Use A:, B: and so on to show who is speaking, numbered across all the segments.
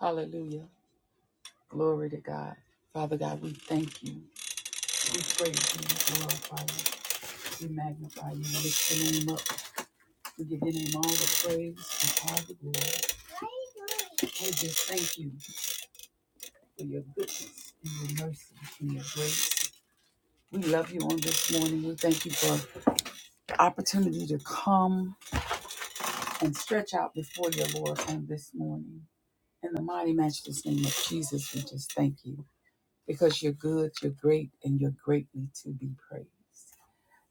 A: Hallelujah. Glory to God. Father God, we thank you. We praise you. We glorify you. We magnify you. We lift your name up. We give your name all the praise and all the glory. We just thank you for your goodness and your mercy and your grace. We love you on this morning. We thank you for the opportunity to come and stretch out before your Lord on this morning. In the mighty matchless name of Jesus, we just thank you because you're good, you're great, and you're greatly to be praised.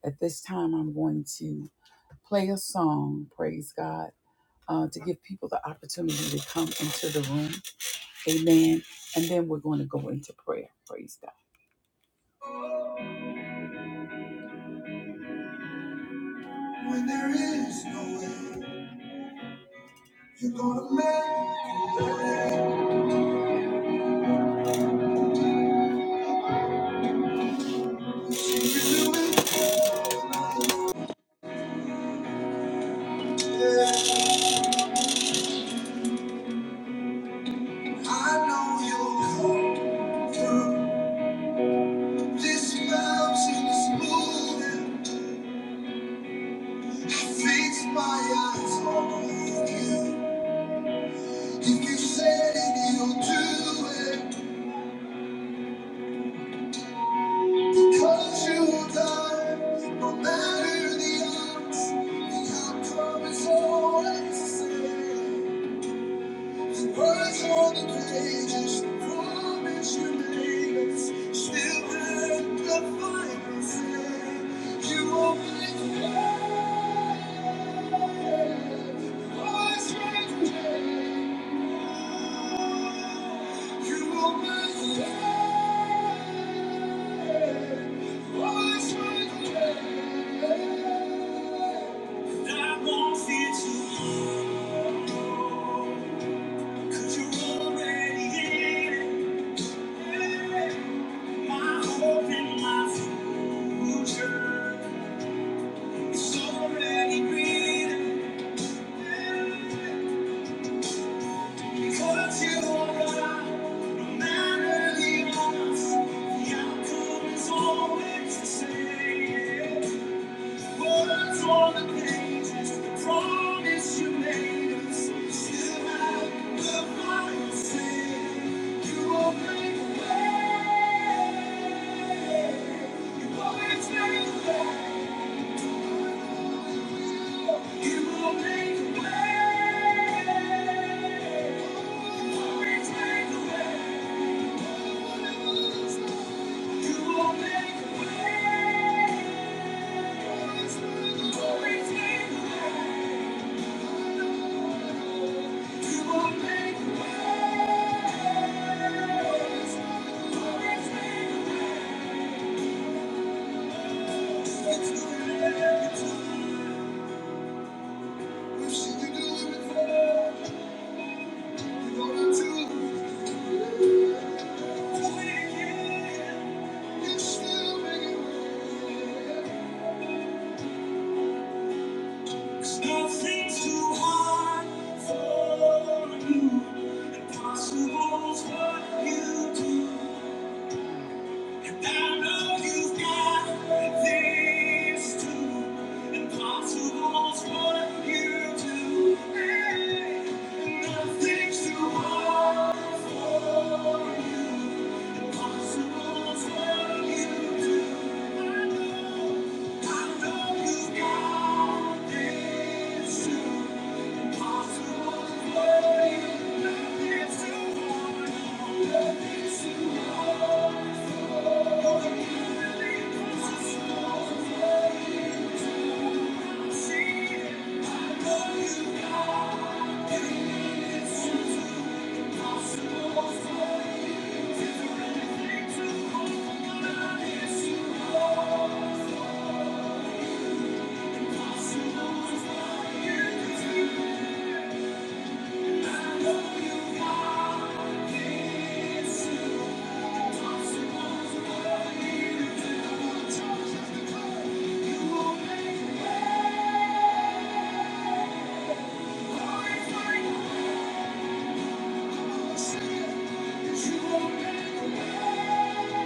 A: At this time, I'm going to play a song, praise God, uh, to give people the opportunity to come into the room. Amen. And then we're going to go into prayer. Praise God. When there is no way, you're going to make a way. You do it. Yeah. I know you'll come through. This mountain is moving. I fix my eyes on you. If you said it, you'll do it. Cause you love, no matter the odds, and I promise always to stay. The Words on the pages, the promise you made us. Still had the final say. You opened the way. Voice made the way. You opened the way. Voice made the way. And I won't fear tomorrow. 'Cause already in My hope and my future is already written. Because you are no matter the odds, the outcome is always the same. Thank you. Nothing's too hard for you. Impossible's what you do. And I know you've got this too. Impossible's what you do. And nothing's too hard for you. Impossible's what you do. I know, I know you've got this too. Thank you. You won't make a way.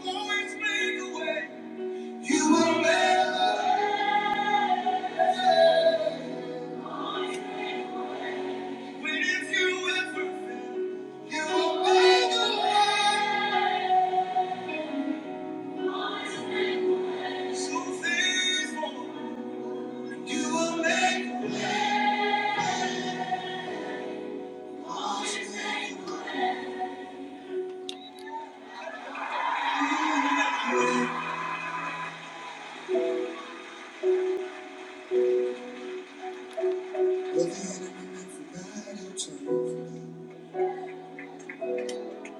A: Always make a way. You will never When if you ever fail, you will make a way. So faithful, you will make a way. Well, the enemy meant for bad, he'll turn it for good.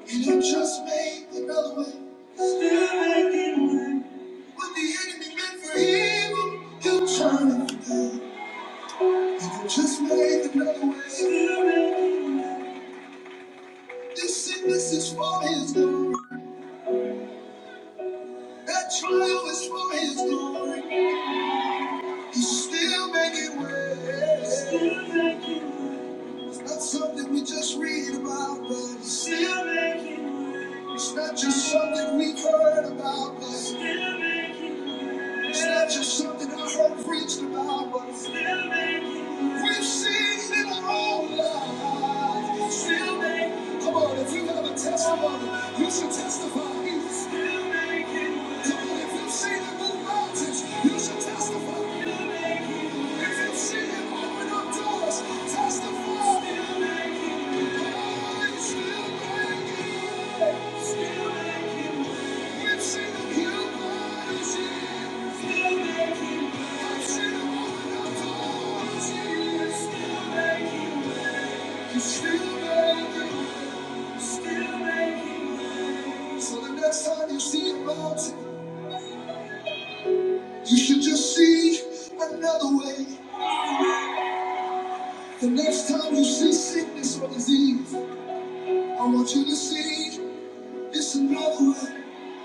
A: And he'll just make another way. Still making way. What the enemy meant for evil, he'll turn it for good. And he'll just make another way. Still making way. This sickness is for his glory. That trial is for his glory. He's still making way. It's not something we just read about, but he's still making way. It's not just something we've heard about, but it's not just something I heard preached about, but still making way. We've seen it in our own lives. Still making way. Come on, if you have a testimony, you should testify. Still making so the next time you see a mountain, you should just see another way. The next time you see sickness or disease, I want you to see it's another way.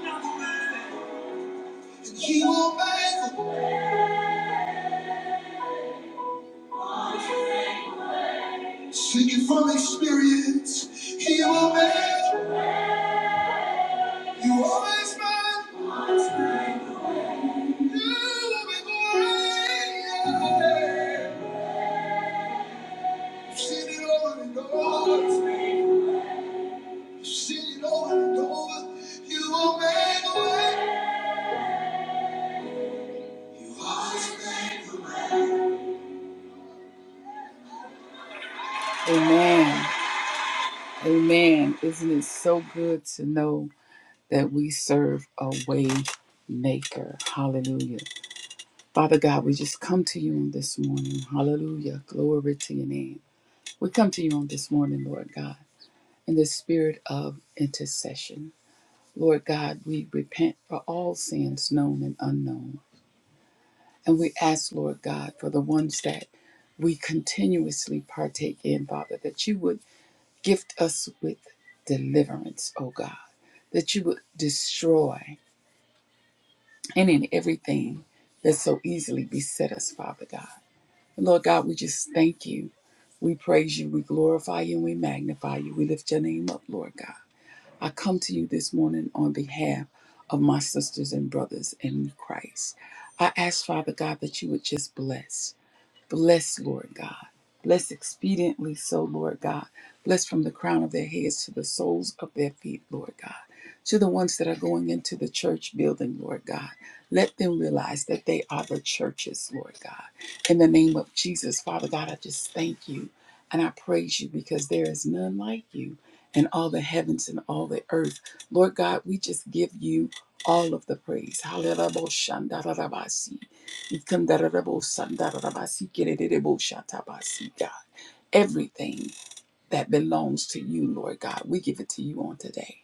A: And he will make, speaking from experience, he will make you always make new way. I've seen it over and over. Sing it over and over. You will make a way. You always make a way. Amen. Amen. Isn't it so good to know that we serve a way maker? Hallelujah. Father God, we just come to you on this morning. Hallelujah. Glory to your name. We come to you on this morning, Lord God, in the spirit of intercession. Lord God, we repent for all sins known and unknown. And we ask, Lord God, for the ones that we continuously partake in, Father, that you would gift us with deliverance, oh God, that you would destroy any and in everything that so easily beset us, Father God. And Lord God, we just thank you. We praise you, we glorify you, and we magnify you. We lift your name up, Lord God. I come to you this morning on behalf of my sisters and brothers in Christ. I ask, Father God, that you would just bless. Bless, Lord God. Bless expediently so, Lord God. Bless from the crown of their heads to the soles of their feet, Lord God. To the ones that are going into the church building, Lord God. Let them realize that they are the churches, Lord God. In the name of Jesus, Father God, I just thank you and I praise you because there is none like you in all the heavens and all the earth. Lord God, we just give you all of the praise. Hallelujah. Ikandarabosandarabasikirererebosatabasi, God. Everything that belongs to you, Lord God, we give it to you on today.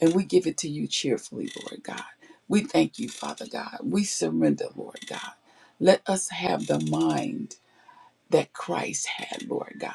A: And we give it to you cheerfully, Lord God. We thank you, Father God. We surrender, Lord God. Let us have the mind that Christ had, Lord God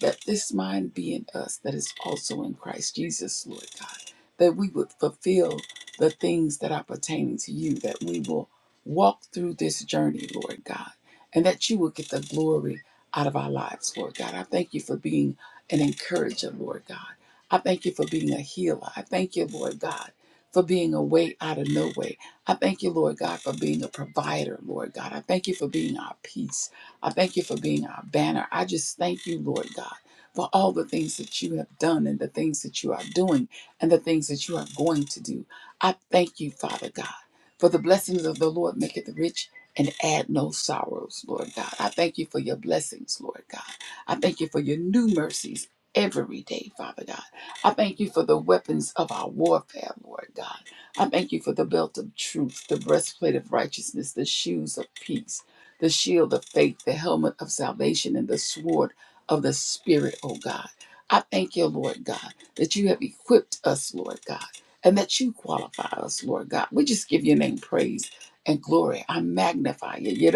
A: that this mind be in us that is also in Christ Jesus, Lord God, that we would fulfill the things that are pertaining to you, that we will walk through this journey, Lord God, and that you will get the glory out of our lives, Lord God. I thank you for being an encourager, Lord God. I thank you for being a healer. I thank you, Lord God, for being a way out of no way. I thank you, Lord God, for being a provider, Lord God. I thank you for being our peace. I thank you for being our banner. I just thank you, Lord God, for all the things that you have done and the things that you are doing and the things that you are going to do. I thank you, Father God, for the blessings of the Lord maketh rich and add no sorrows, Lord God. I thank you for your blessings, Lord God. I thank you for your new mercies every day, Father God. I thank you for the weapons of our warfare, Lord God. I thank you for the belt of truth, the breastplate of righteousness, the shoes of peace the shield of faith, the helmet of salvation, and the sword of the Spirit, oh God. I thank you, Lord God, that you have equipped us, Lord God, and that you qualify us, Lord God. We just give your name praise and glory. I magnify you.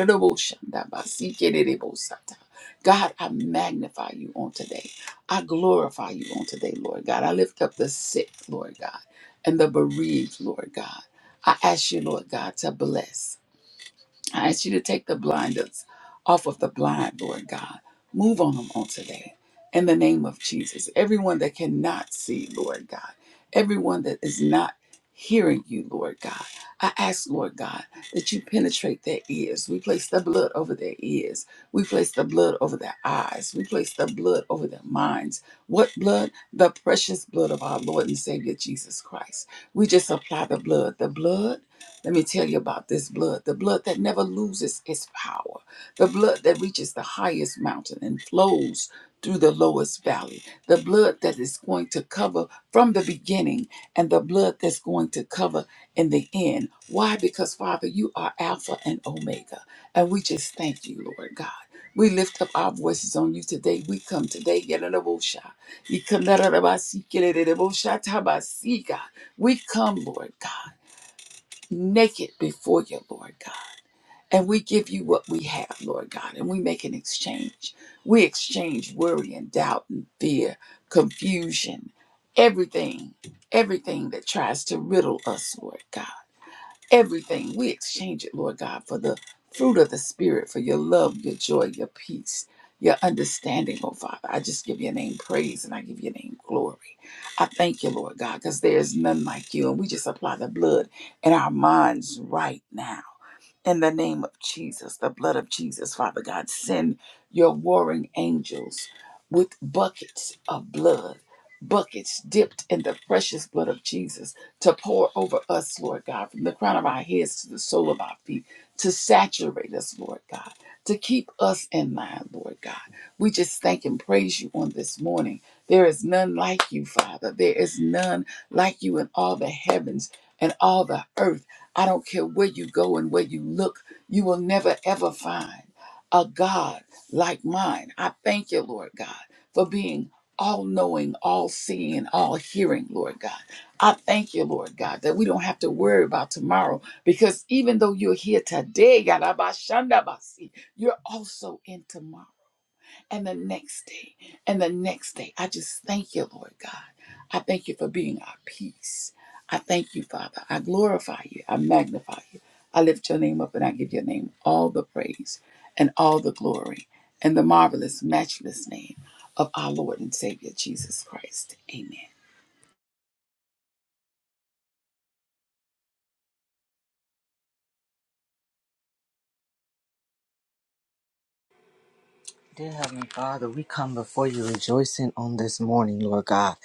A: God, I magnify you on today. I glorify you on today, Lord God. I lift up the sick, Lord God, and the bereaved, Lord God. I ask you, Lord God, to bless. I ask you to take the blinders off of the blind, Lord God. Move on them on today. In the name of Jesus. Everyone that cannot see, Lord God. Everyone that is not hearing you, Lord God. I ask, Lord God, that you penetrate their ears. We place the blood over their ears. We place the blood over their eyes. We place the blood over their minds. What blood? The precious blood of our Lord and Savior Jesus Christ. We just apply the blood. The blood let me tell you about this blood the blood that never loses its power, the blood that reaches the highest mountain and flows through the lowest valley, the blood that is going to cover from the beginning, and the blood that's going to cover in the end. Why? Because, Father, you are Alpha and Omega. And we just thank you, Lord God. We lift up our voices on you today. We come today. yelarabosha, yikalarabasi, kelelelebosha, We come, Lord God naked before you, Lord God. And we give you what we have, Lord God, and we make an exchange. We exchange worry and doubt and fear, confusion, everything, everything that tries to riddle us, Lord God everything. We exchange it, Lord God, for the fruit of the Spirit, for your love, your joy, your peace, your understanding, oh Father. I just give your name praise and I give your name glory. I thank you, Lord God, because there is none like you. And we just apply the blood in our minds right now. In the name of Jesus, the blood of Jesus, Father God, send your warring angels with buckets of blood, buckets dipped in the precious blood of Jesus to pour over us, Lord God, from the crown of our heads to the sole of our feet, to saturate us, Lord God, to keep us in mind, Lord God. We just thank and praise you on this morning. There is none like you, Father. There is none like you in all the heavens and all the earth. I don't care where you go and where you look, you will never ever find a God like mine. I thank you, Lord God, for being all knowing, all seeing, and all hearing, Lord God. I thank you, Lord God, that we don't have to worry about tomorrow because even though you're here today, Yarabashandabasi, you're also in tomorrow and the next day and the next day. I just thank you, Lord God. I thank you for being our peace. I thank you, Father. I glorify you. I magnify you. I lift your name up and I give your name all the praise and all the glory and the marvelous, matchless name of our Lord and Savior Jesus Christ. Amen.
B: Dear Heavenly Father, we come before you rejoicing on this morning, Lord God,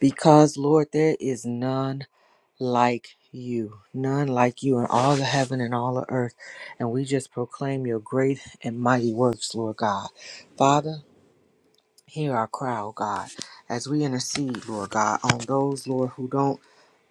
B: because, Lord, there is none like you, none like you in all the heaven and all the earth. And we just proclaim your great and mighty works, Lord God. Father, Hear our cry, O God, as we intercede, Lord God, on those, Lord, who don't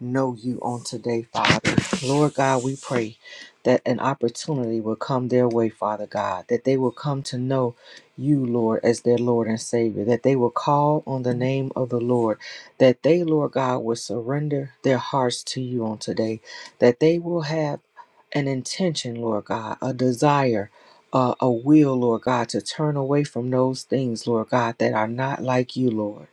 B: know you on today, Father. Lord God, we pray that an opportunity will come their way, Father God, that they will come to know you, Lord, as their Lord and Savior, that they will call on the name of the Lord, that they, Lord God, will surrender their hearts to you on today, that they will have an intention, Lord God, a desire, uh, a will, Lord God, to turn away from those things, Lord God, that are not like you, Lord.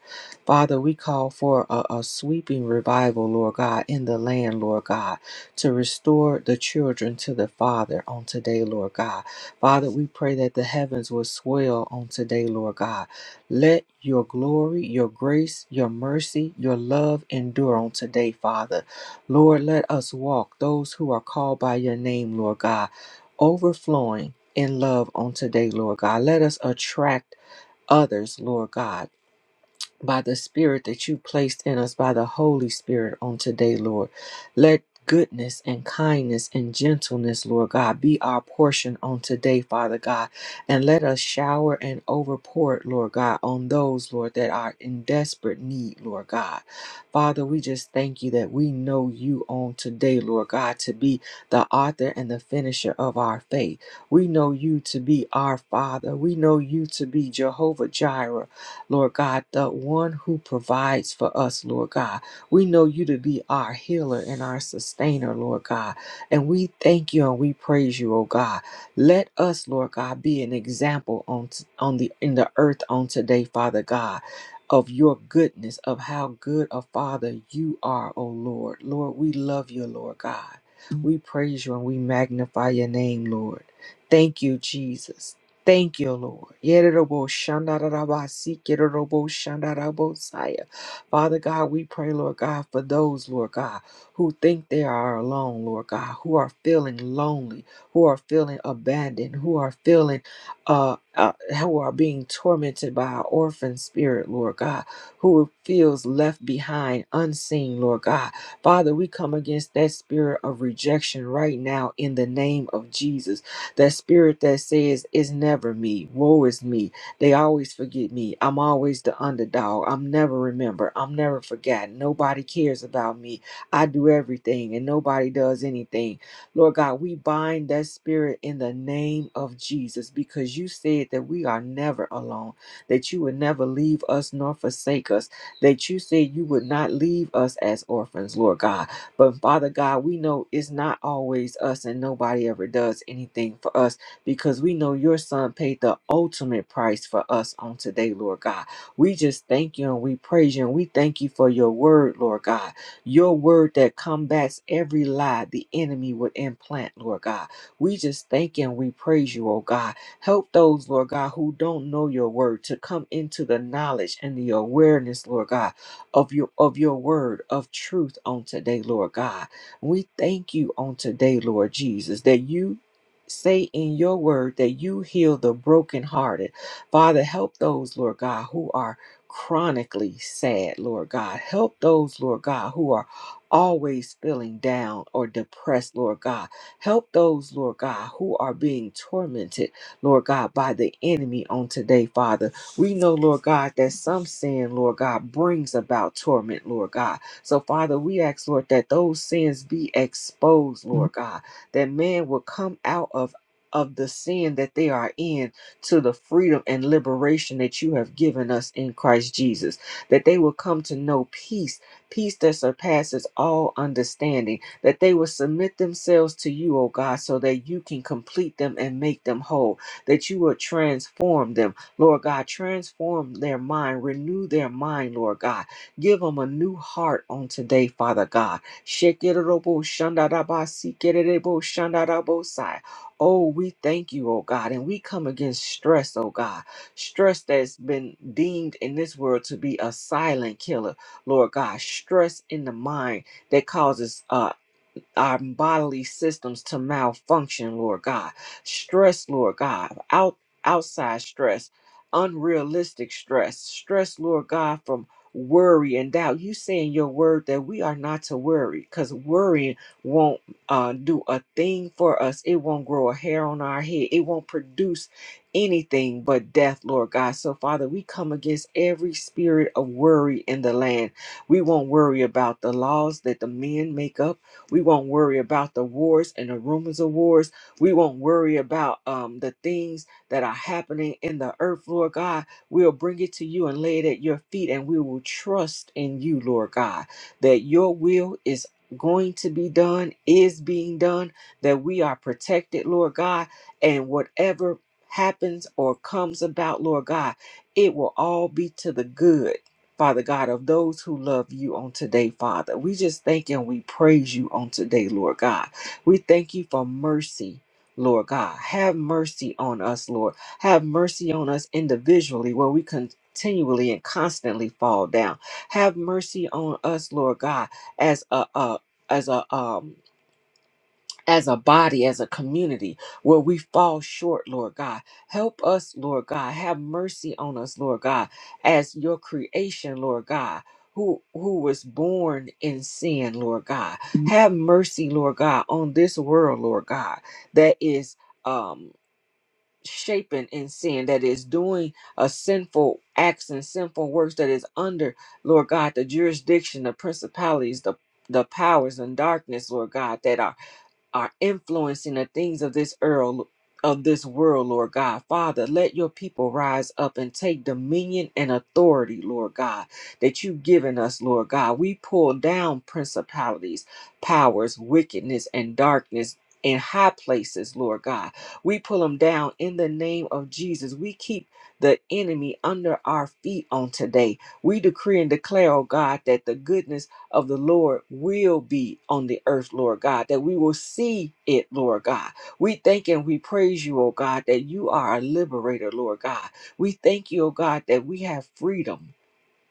B: Father, we call for a, a sweeping revival, Lord God, in the land, Lord God, to restore the children to the Father on today, Lord God. Father, we pray that the heavens will swell on today, Lord God. Let your glory, your grace, your mercy, your love endure on today, Father. Lord, let us walk, those who are called by your name, Lord God, overflowing in love on today, Lord God. Let us attract others, Lord God by the Spirit that you placed in us by the Holy Spirit on today, Lord. Let goodness and kindness and gentleness, Lord God, be our portion on today, Father God. And let us shower and overpour it, Lord God, on those, Lord, that are in desperate need, Lord God. Father, we just thank you that we know you on today, Lord God, to be the author and the finisher of our faith. We know you to be our Father. We know you to be Jehovah Jireh. Lord God, the one who provides for us, Lord God. We know you to be our healer and our sustainer, Lord God. And we thank you and we praise you, oh God. Let us, Lord God, be an example on, on the in the earth on today, Father God. Of your goodness, of how good a father you are, oh Lord. Lord, we love you, Lord God. We praise you and we magnify your name, Lord. Thank you, Jesus. Thank you, Lord. Yerobo shandarabasi, kerobo shandarabosaya. Father God, we pray, Lord God, for those, Lord God, who think they are alone, Lord God, who are feeling lonely, who are feeling abandoned, who are feeling, uh, uh, who are being tormented by an orphan spirit, Lord God, who feels left behind, unseen, Lord God. Father, we come against that spirit of rejection right now in the name of Jesus. That spirit that says, It's never me, woe is me, they always forget me, I'm always the underdog, I'm never remembered, I'm never forgotten, nobody cares about me, I do everything and nobody does anything. Lord God, we bind that spirit in the name of Jesus because you said that we are never alone, that you would never leave us nor forsake us, that you said you would not leave us as orphans, Lord God but Father God, we know it's not always us and nobody ever does anything for us because we know your son paid the ultimate price for us on today, Lord God. We just thank you and we praise you and we thank you for your word, Lord God. Your word that combats every lie the enemy would implant, Lord God. We just thank you and we praise you, oh God. Help those, Lord God, who don't know your word to come into the knowledge and the awareness, Lord God, of your of your word of truth on today, Lord God. We thank you on today, Lord Jesus, that you say in your word that you heal the brokenhearted. Father, help those, Lord God, who are chronically sad, Lord God. Help those, Lord God, who are always feeling down or depressed, Lord God. Help those, Lord God, who are being tormented, Lord God, by the enemy on today, Father. We know, Lord God, that some sin, Lord God, brings about torment, Lord God. So, Father, we ask, Lord, that those sins be exposed, Lord God, that man will come out of of the sin that they are in to the freedom and liberation that you have given us in Christ Jesus, that they will come to know peace, peace that surpasses all understanding, that they will submit themselves to you, O God, so that you can complete them and make them whole, that you will transform them, Lord God. Transform their mind, renew their mind, Lord God. Give them a new heart on today, Father God. Shekerebo shandaraba sikerebo shandarabosai. Oh, we thank you, oh God, and we come against stress, oh God. Stress that's been deemed in this world to be a silent killer, Lord God. Stress in the mind that causes uh, our bodily systems to malfunction, Lord God. Stress, Lord God, out outside stress, unrealistic stress, stress, Lord God, from worry and doubt. You say in your word that we are not to worry because worrying won't uh, do a thing for us. It won't grow a hair on our head. It won't produce anything but death, Lord God. So, Father, we come against every spirit of worry in the land. We won't worry about the laws that the men make up. We won't worry about the wars and the rumors of wars. We won't worry about um, the things that are happening in the earth, Lord God. We'll bring it to you and lay it at your feet, and we will trust in you, Lord God, that your will is going to be done, is being done, that we are protected, Lord God, and whatever happens or comes about, Lord God, it will all be to the good Father God, of those who love you on today, Father. We just thank and we praise you on today, Lord God. We thank you for mercy. Lord God, have mercy on us, Lord. Have mercy on us individually where we continually and constantly fall down. Have mercy on us, Lord God, as a, a as a um as a body, as a community, where we fall short, Lord God. Help us, Lord God. Have mercy on us, Lord God, as your creation, Lord God. Who, who was born in sin, Lord God. Have mercy, Lord God, on this world, Lord God, that is um shaping in sin, that is doing a sinful acts and sinful works that is under, Lord God, the jurisdiction, the principalities, the the powers and darkness, Lord God, that are are influencing the things of this earth, of this world, Lord God. Father, let your people rise up and take dominion and authority, Lord God, that you've given us, Lord God. We pull down principalities, powers, wickedness, and darkness. In high places, Lord God. We pull them down in the name of Jesus. We keep the enemy under our feet on today. We decree and declare, oh God, that the goodness of the Lord will be on the earth, Lord God, that we will see it, Lord God. We thank and we praise you, oh God, that you are a liberator, Lord God. We thank you, oh God, that we have freedom.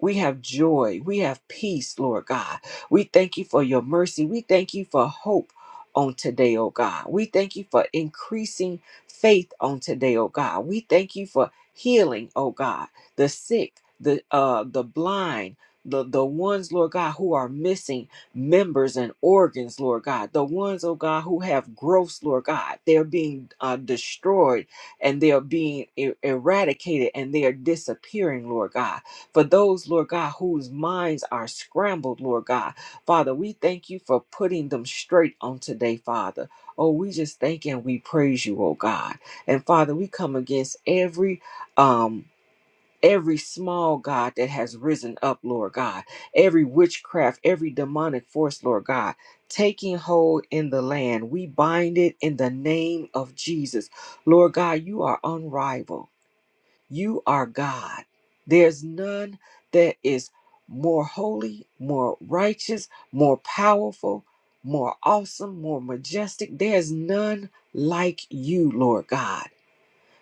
B: We have joy. We have peace, Lord God. We thank you for your mercy. We thank you for hope on today, oh God. We thank you for increasing faith on today, oh God. We thank you for healing, oh God, the sick, the uh the blind, the the ones, Lord God, who are missing members and organs, Lord God. The ones, oh God, who have growths, Lord God. They're being uh, destroyed and they are being e- eradicated and they are disappearing, Lord God for those, Lord God, whose minds are scrambled, Lord God. Father, we thank you for putting them straight on today, Father. Oh, we just thank and we praise you, oh God. And Father, we come against every um every small God that has risen up, Lord God, every witchcraft, every demonic force, Lord God, taking hold in the land. We bind it in the name of Jesus. Lord God, you are unrivaled. You are God. There's none that is more holy, more righteous, more powerful, more awesome, more majestic. There's none like you, Lord God.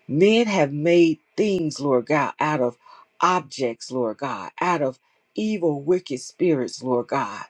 B: Men have made things, Lord God, out of objects, Lord God, out of evil, wicked spirits, Lord God.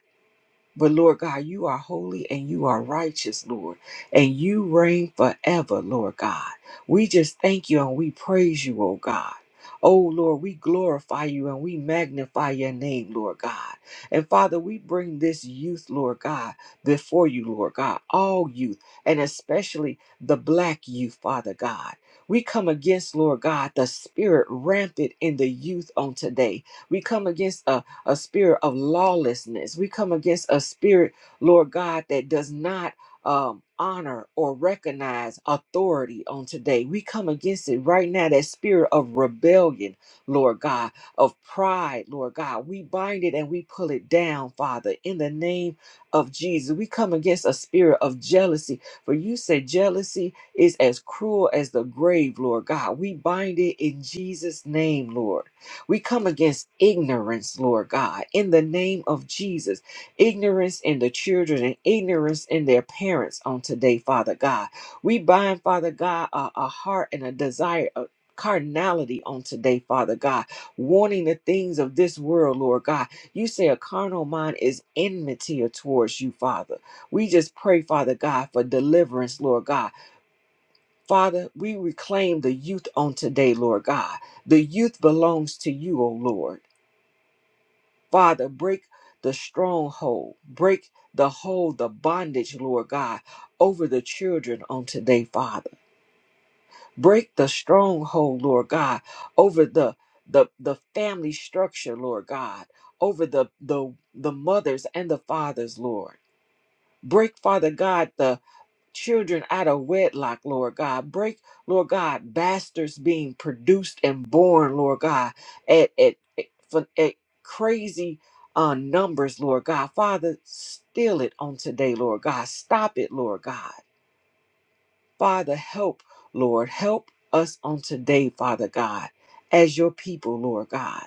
B: But Lord God, you are holy and you are righteous, Lord, and you reign forever, Lord God. We just thank you and we praise you, oh God. Oh Lord, we glorify you and we magnify your name, Lord God. And Father, we bring this youth, Lord God, before you, Lord God, all youth, and especially the black youth, Father God. We come against, Lord God, the spirit rampant in the youth on today. We come against a a spirit of lawlessness. We come against a spirit, Lord God, that does not um, honor or recognize authority on today. We come against it right now, that spirit of rebellion, Lord God, of pride, Lord God. We bind it and we pull it down, Father, in the name of Jesus. We come against a spirit of jealousy, for you said jealousy is as cruel as the grave, Lord God. We bind it in Jesus' name, Lord. We come against ignorance, Lord God, in the name of Jesus. Ignorance in the children and ignorance in their parents on today, Father God. We bind, Father God, a, a heart and a desire of carnality on today, Father God, wanting the things of this world, Lord God. You say a carnal mind is enmity towards you, Father. We just pray, Father God, for deliverance, Lord God. Father, we reclaim the youth on today, Lord God. The youth belongs to you, O Lord. Father, break the stronghold, break the hold, the bondage, Lord God, over the children on today, Father. Break the stronghold, Lord God, over the the, the family structure, Lord God, over the, the the mothers and the fathers, Lord. Break, Father God, the children out of wedlock, Lord God. Break, Lord God, bastards being produced and born, Lord God, at at, at, for- at crazy uh, numbers, Lord God. Father, still it on today, Lord God. Stop it, Lord God. Father, help, Lord, help us on today, Father God, as your people, Lord God.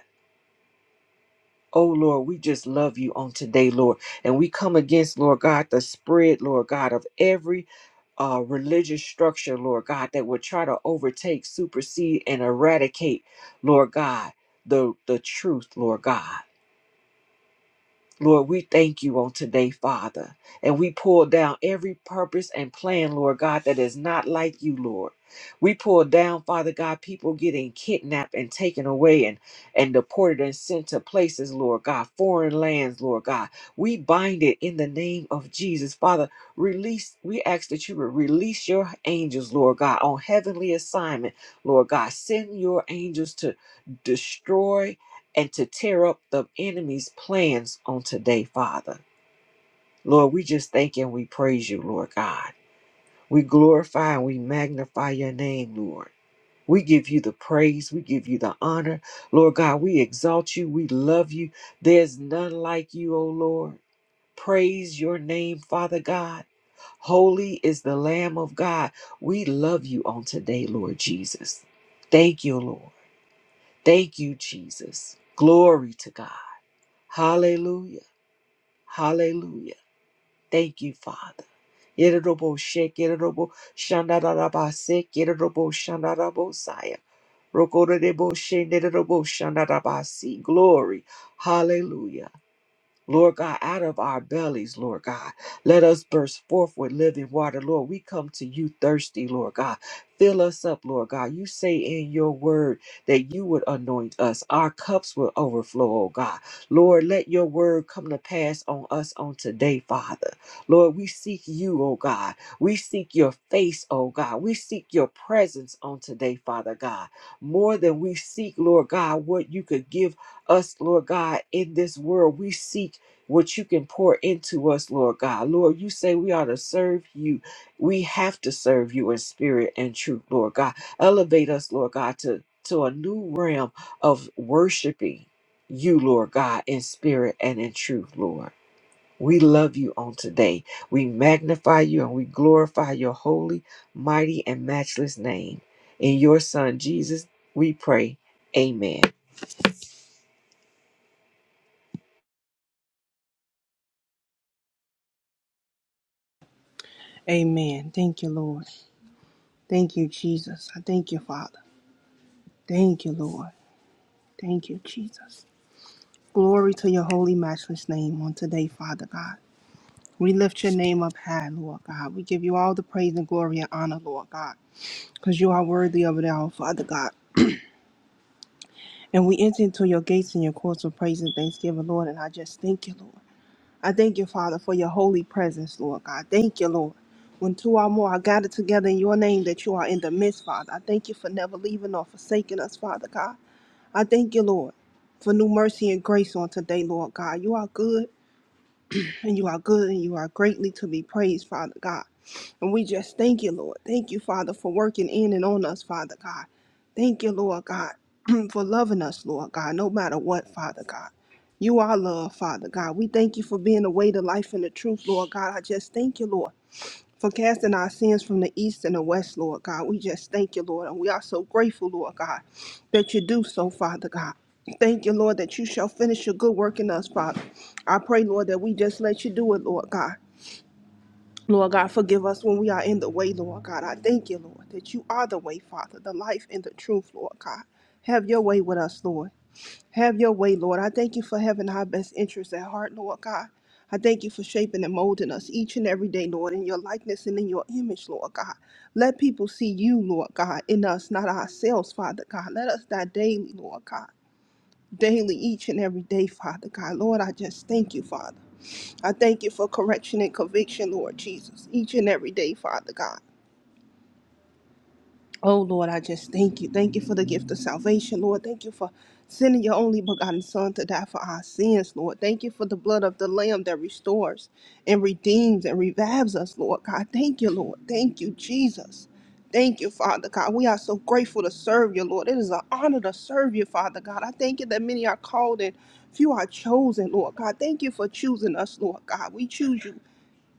B: Oh Lord, we just love you on today, Lord. And we come against, Lord God, the spread, Lord God, of every uh, religious structure, Lord God, that would try to overtake, supersede, and eradicate, Lord God, the, the truth, Lord God. Lord, we thank you on today, Father. And we pull down every purpose and plan, Lord God, that is not like you, Lord. We pull down, Father God, people getting kidnapped and taken away and, and deported and sent to places, Lord God, foreign lands, Lord God. We bind it in the name of Jesus. Father, release, we ask that you would release your angels, Lord God, on heavenly assignment, Lord God. Send your angels to destroy and to tear up the enemy's plans on today, Father. Lord, we just thank and we praise you, Lord God. We glorify and we magnify your name, Lord. We give you the praise. We give you the honor. Lord God, we exalt you. We love you. There's none like you, O Lord. Praise your name, Father God. Holy is the Lamb of God. We love you on today, Lord Jesus. Thank you, Lord. Thank you, Jesus. Glory to God. Hallelujah. Hallelujah. Thank you, Father. Yerobo shake, yerobo shandarabase, yerobo shandarabosaya. Rokorebo shenderobo shandarabasi. Glory. Hallelujah. Lord God, out of our bellies, Lord God, let us burst forth with living water. Lord, we come to you thirsty, Lord God. Fill us up, Lord God. You say in your word that you would anoint us. Our cups will overflow, oh God. Lord, let your word come to pass on us on today, Father. Lord, we seek you, oh God. We seek your face, oh God. We seek your presence on today, Father God. More than we seek, Lord God, what you could give us, Lord God, in this world. We seek what you can pour into us, Lord God. Lord, you say we ought to serve you. We have to serve you in spirit and truth, Lord God. Elevate us, Lord God, to, to a new realm of worshiping you, Lord God, in spirit and in truth, Lord. We love you on today. We magnify you and we glorify your holy, mighty, and matchless name. In your Son, Jesus, we pray. Amen.
C: Amen. Thank you, Lord. Thank you, Jesus. I thank you, Father. Thank you, Lord. Thank you, Jesus. Glory to your holy, matchless name on today, Father God. We lift your name up high, Lord God. We give you all the praise and glory and honor, Lord God, because you are worthy of it all, Father God. And we enter into your gates and your courts of praise and thanksgiving, Lord. And I just thank you, Lord. I thank you, Father, for your holy presence, Lord God. Thank you, Lord. When two or more are gathered together in your name, that you are in the midst, Father. I thank you for never leaving or forsaking us, Father God. I thank you, Lord, for new mercy and grace on today, Lord God. You are good, and you are good, and you are greatly to be praised, Father God. And we just thank you, Lord. Thank you, Father, for working in and on us, Father God. Thank you, Lord God, for loving us, Lord God, no matter what, Father God. You are love, Father God. We thank you for being the way, the life, and the truth, Lord God. I just thank you, Lord, for casting our sins from the east and the west, Lord God. We just thank you, Lord. And we are so grateful, Lord God, that you do so, Father God. Thank you, Lord, that you shall finish your good work in us, Father. I pray, Lord, that we just let you do it, Lord God. Lord God, forgive us when we are in the way, Lord God. I thank you, Lord, that you are the way, Father, the life and the truth, Lord God. Have your way with us, Lord. Have your way, Lord. I thank you for having our best interests at heart, Lord God. I thank you for shaping and molding us each and every day, Lord, in your likeness and in your image, Lord God. Let people see you, Lord God, in us, not ourselves, Father God. Let us die daily, Lord God. Daily, each and every day, Father God. Lord, I just thank you, Father. I thank you for correction and conviction, Lord Jesus, each and every day, Father God. Oh, Lord, I just thank you. Thank you for the gift of salvation, Lord. Thank you for sending your only begotten Son to die for our sins, Lord. Thank you for the blood of the Lamb that restores and redeems and revives us, Lord God. Thank you, Lord. Thank you, Jesus. Thank you, Father God. We are so grateful to serve you, Lord. It is an honor to serve you, Father God. I thank you that many are called and few are chosen, Lord God. Thank you for choosing us, Lord God. We choose you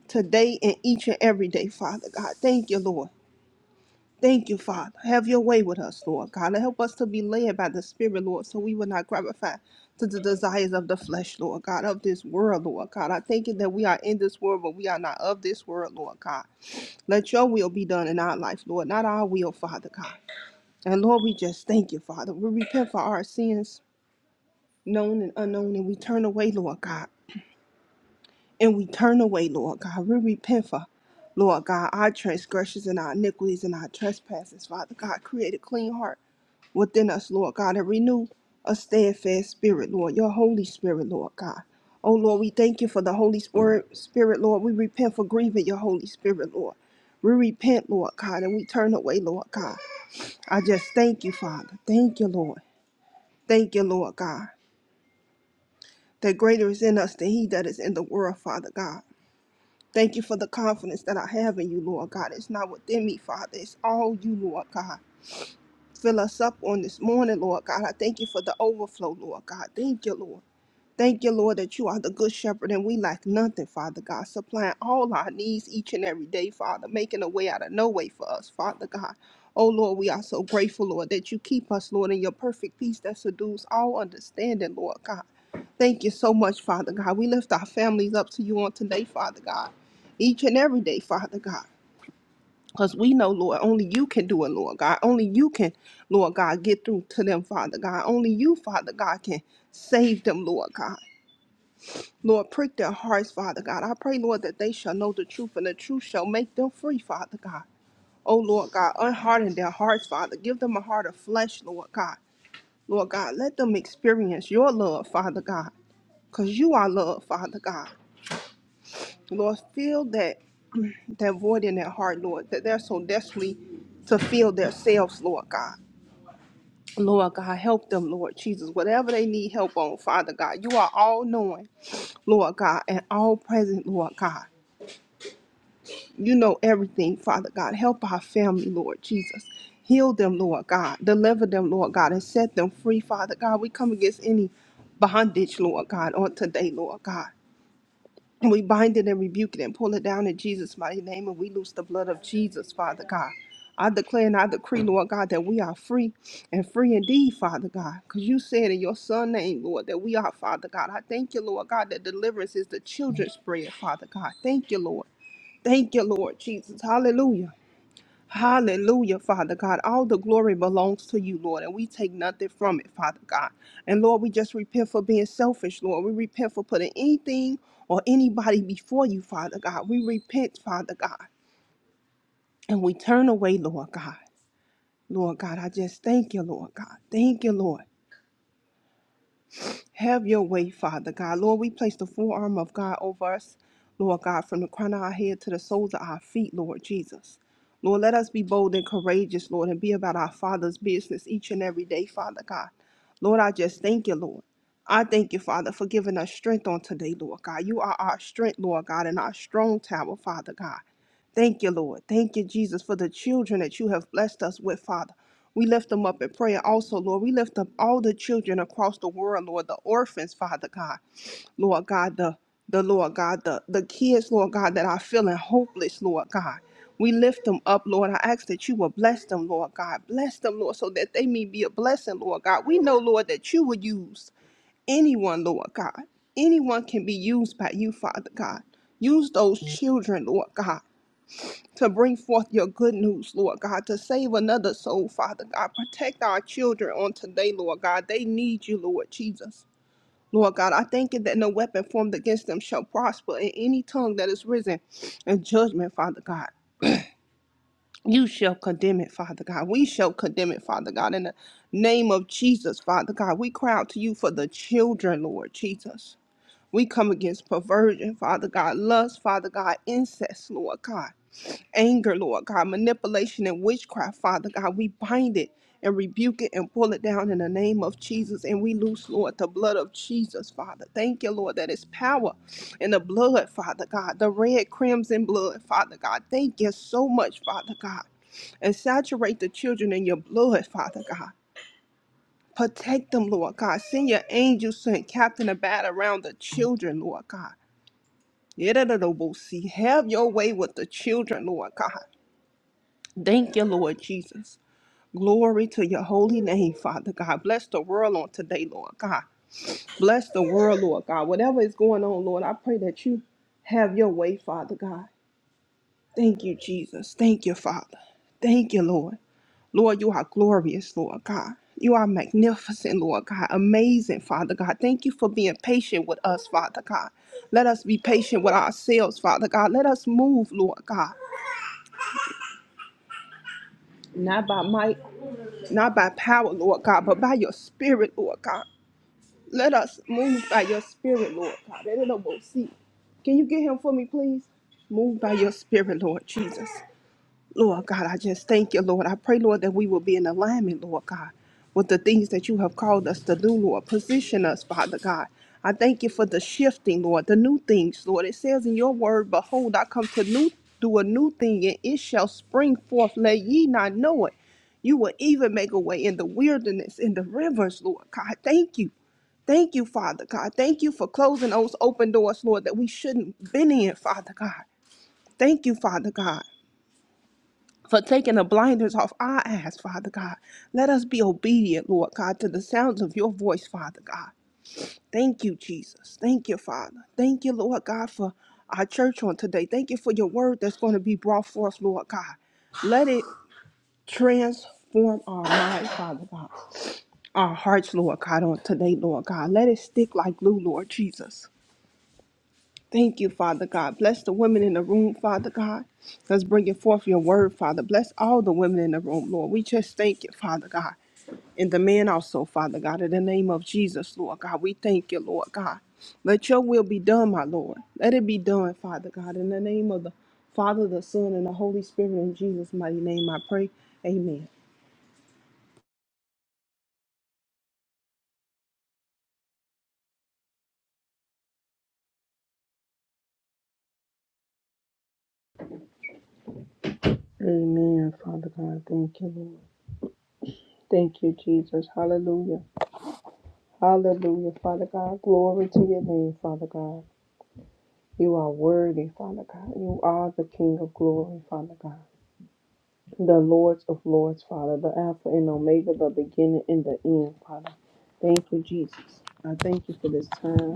C: today and each and every day, Father God. Thank you, Lord. Thank you, Father. Have your way with us, Lord God. Help us to be led by the Spirit, Lord, so we will not gratify to the desires of the flesh, Lord God, of this world, Lord God. I thank you that we are in this world, but we are not of this world, Lord God. Let your will be done in our life, Lord, not our will, Father God. And Lord, we just thank you, Father. We repent for our sins, known and unknown, and we turn away, Lord God. and we turn away, Lord God. We repent for, Lord God, our transgressions and our iniquities and our trespasses. Father God, create a clean heart within us, Lord God, and renew a steadfast spirit, Lord, your Holy Spirit, Lord God. Oh, Lord, we thank you for the Holy Spirit, Spirit, Lord. We repent for grieving your Holy Spirit, Lord. We repent, Lord God, and we turn away, Lord God. I just thank you, Father. Thank you, Lord. Thank you, Lord God. That greater is in us than he that is in the world, Father God. Thank you for the confidence that I have in you, Lord God. It's not within me, Father. It's all you, Lord God. Fill us up on this morning, Lord God. I thank you for the overflow, Lord God. Thank you, Lord. Thank you, Lord, that you are the good shepherd and we lack nothing, Father God, supplying all our needs each and every day, Father, making a way out of no way for us, Father God. Oh, Lord, we are so grateful, Lord, that you keep us, Lord, in your perfect peace that subdues all understanding, Lord God. Thank you so much, Father God. We lift our families up to you on today, Father God. Each and every day, Father God. Because we know, Lord, only you can do it, Lord God. Only you can, Lord God, get through to them, Father God. Only you, Father God, can save them, Lord God. Lord, prick their hearts, Father God. I pray, Lord, that they shall know the truth and the truth shall make them free, Father God. Oh, Lord God, unharden their hearts, Father. Give them a heart of flesh, Lord God. Lord God, let them experience your love, Father God. Because you are love, Father God. Lord, fill that that void in their heart, Lord, that they're so desperately to fill themselves, Lord God. Lord God, help them, Lord Jesus, whatever they need help on, Father God. You are all knowing, Lord God, and all present, Lord God. You know everything, Father God. Help our family, Lord Jesus. Heal them, Lord God. Deliver them, Lord God, and set them free, Father God. We come against any bondage, Lord God, on today, Lord God. And we bind it and rebuke it and pull it down in Jesus' mighty name. And we loose the blood of Jesus, Father God. I declare and I decree, Lord God, that we are free and free indeed, Father God. Because you said in your Son's name, Lord, that we are, Father God. I thank you, Lord God, that deliverance is the children's bread, Father God. Thank you, Lord. Thank you, Lord Jesus. Hallelujah. Hallelujah, Father God. All the glory belongs to you, Lord, and we take nothing from it, Father God. And Lord, we just repent for being selfish, Lord. We repent for putting anything or anybody before you, Father God. We repent, Father God, and we turn away, Lord God. Lord God, I just thank you, Lord God. Thank you, Lord. Have your way, Father God. Lord, we place the full armor of God over us, Lord God, from the crown of our head to the soles of our feet, Lord Jesus. Lord, let us be bold and courageous, Lord, and be about our Father's business each and every day, Father God. Lord, I just thank you, Lord. I thank you, Father, for giving us strength on today, Lord God. You are our strength, Lord God, and our strong tower, Father God. Thank you, Lord. Thank you, Jesus, for the children that you have blessed us with, Father. We lift them up in prayer also, Lord. We lift up all the children across the world, Lord, the orphans, Father God. Lord God, the the Lord God, the, the kids, Lord God, that are feeling hopeless, Lord God. We lift them up, Lord. I ask that you will bless them, Lord God. Bless them, Lord, so that they may be a blessing, Lord God. We know, Lord, that you will use anyone, Lord God. Anyone can be used by you, Father God. Use those children, Lord God to bring forth your good news, Lord God, to save another soul, Father God. Protect our children on today, Lord God. They need you, Lord Jesus. Lord God, I thank you that no weapon formed against them shall prosper, and any tongue that is risen in judgment, Father God. You shall condemn it, Father God. We shall condemn it, Father God. In the name of Jesus, Father God, we cry out to you for the children, Lord Jesus. We come against perversion, Father God, lust, Father God, incest, Lord God anger, Lord God, manipulation and witchcraft, Father God. We bind it and rebuke it and pull it down in the name of Jesus. And we loose, Lord, the blood of Jesus, Father. Thank you, Lord, that is power in the blood, Father God, the red crimson blood, Father God. Thank you so much, Father God. And saturate the children in your blood, Father God. Protect them, Lord God. Send your angels to encamp and about around the children, Lord God. Yedadadobosee. Have your way with the children, Lord God. Thank you, Lord Jesus. Glory to your holy name, Father God. Bless the world on today, Lord God. Bless the world, Lord God. Whatever is going on, Lord, I pray that you have your way, Father God. Thank you, Jesus. Thank you, Father. Thank you, Lord. Lord, you are glorious, Lord God. You are magnificent, Lord God. Amazing, Father God. Thank you for being patient with us, Father God. Let us be patient with ourselves, Father God. Let us move, Lord God. Not by might not by power, Lord God, but by your spirit, Lord God. Let us move by your spirit, Lord God. That it will see. Can you get him for me, please? Move by your spirit, Lord Jesus. Lord God, I just thank you, Lord. I pray, Lord, that we will be in alignment, Lord God, with the things that you have called us to do, Lord. Position us, Father God. I thank you for the shifting, Lord, the new things, Lord. It says in your word, Behold, I come to new do a new thing, and it shall spring forth. Let ye not know it. You will even make a way in the wilderness, in the rivers, Lord God. Thank you. Thank you, Father God. Thank you for closing those open doors, Lord, that we shouldn't have been in, Father God. Thank you, Father God for taking the blinders off our eyes, Father God. Let us be obedient, Lord God, to the sounds of your voice, Father God. Thank you, Jesus. Thank you, Father. Thank you, Lord God, for our church on today. Thank you for your word that's going to be brought forth, Lord God. Let it transform our mind, Father God. Our hearts, Lord God, on today, Lord God. Let it stick like glue, Lord Jesus. Thank you, Father God. Bless the women in the room, Father God. Let's bring it forth your word, Father. Bless all the women in the room, Lord. We just thank you, Father God. And the man also, Father God, in the name of Jesus, Lord God, we thank you, Lord God. Let your will be done, my Lord. Let it be done, Father God, in the name of the Father, the Son, and the Holy Spirit, in Jesus' mighty name, I pray. Amen.
D: Amen, Father God. Thank you, Lord. Thank you, Jesus. Hallelujah. Hallelujah, Father God. Glory to your name, Father God. You are worthy, Father God. You are the King of glory, Father God. The Lords of Lords, Father. The Alpha and Omega, the beginning and the end, Father. Thank you, Jesus. I thank you for this time.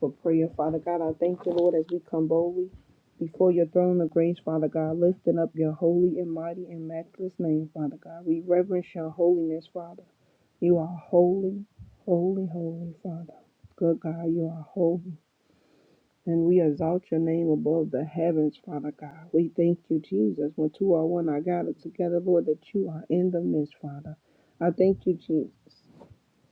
D: for prayer. Father God, I thank you, Lord, as we come boldly before your throne of grace, Father God, lifting up your holy and mighty and matchless name, Father God. We reverence your holiness, Father. You are holy, holy, holy, Father. Good God, you are holy. And we exalt your name above the heavens, Father God. We thank you, Jesus. When two or one are gathered together, Lord, that you are in the midst, Father. I thank you, Jesus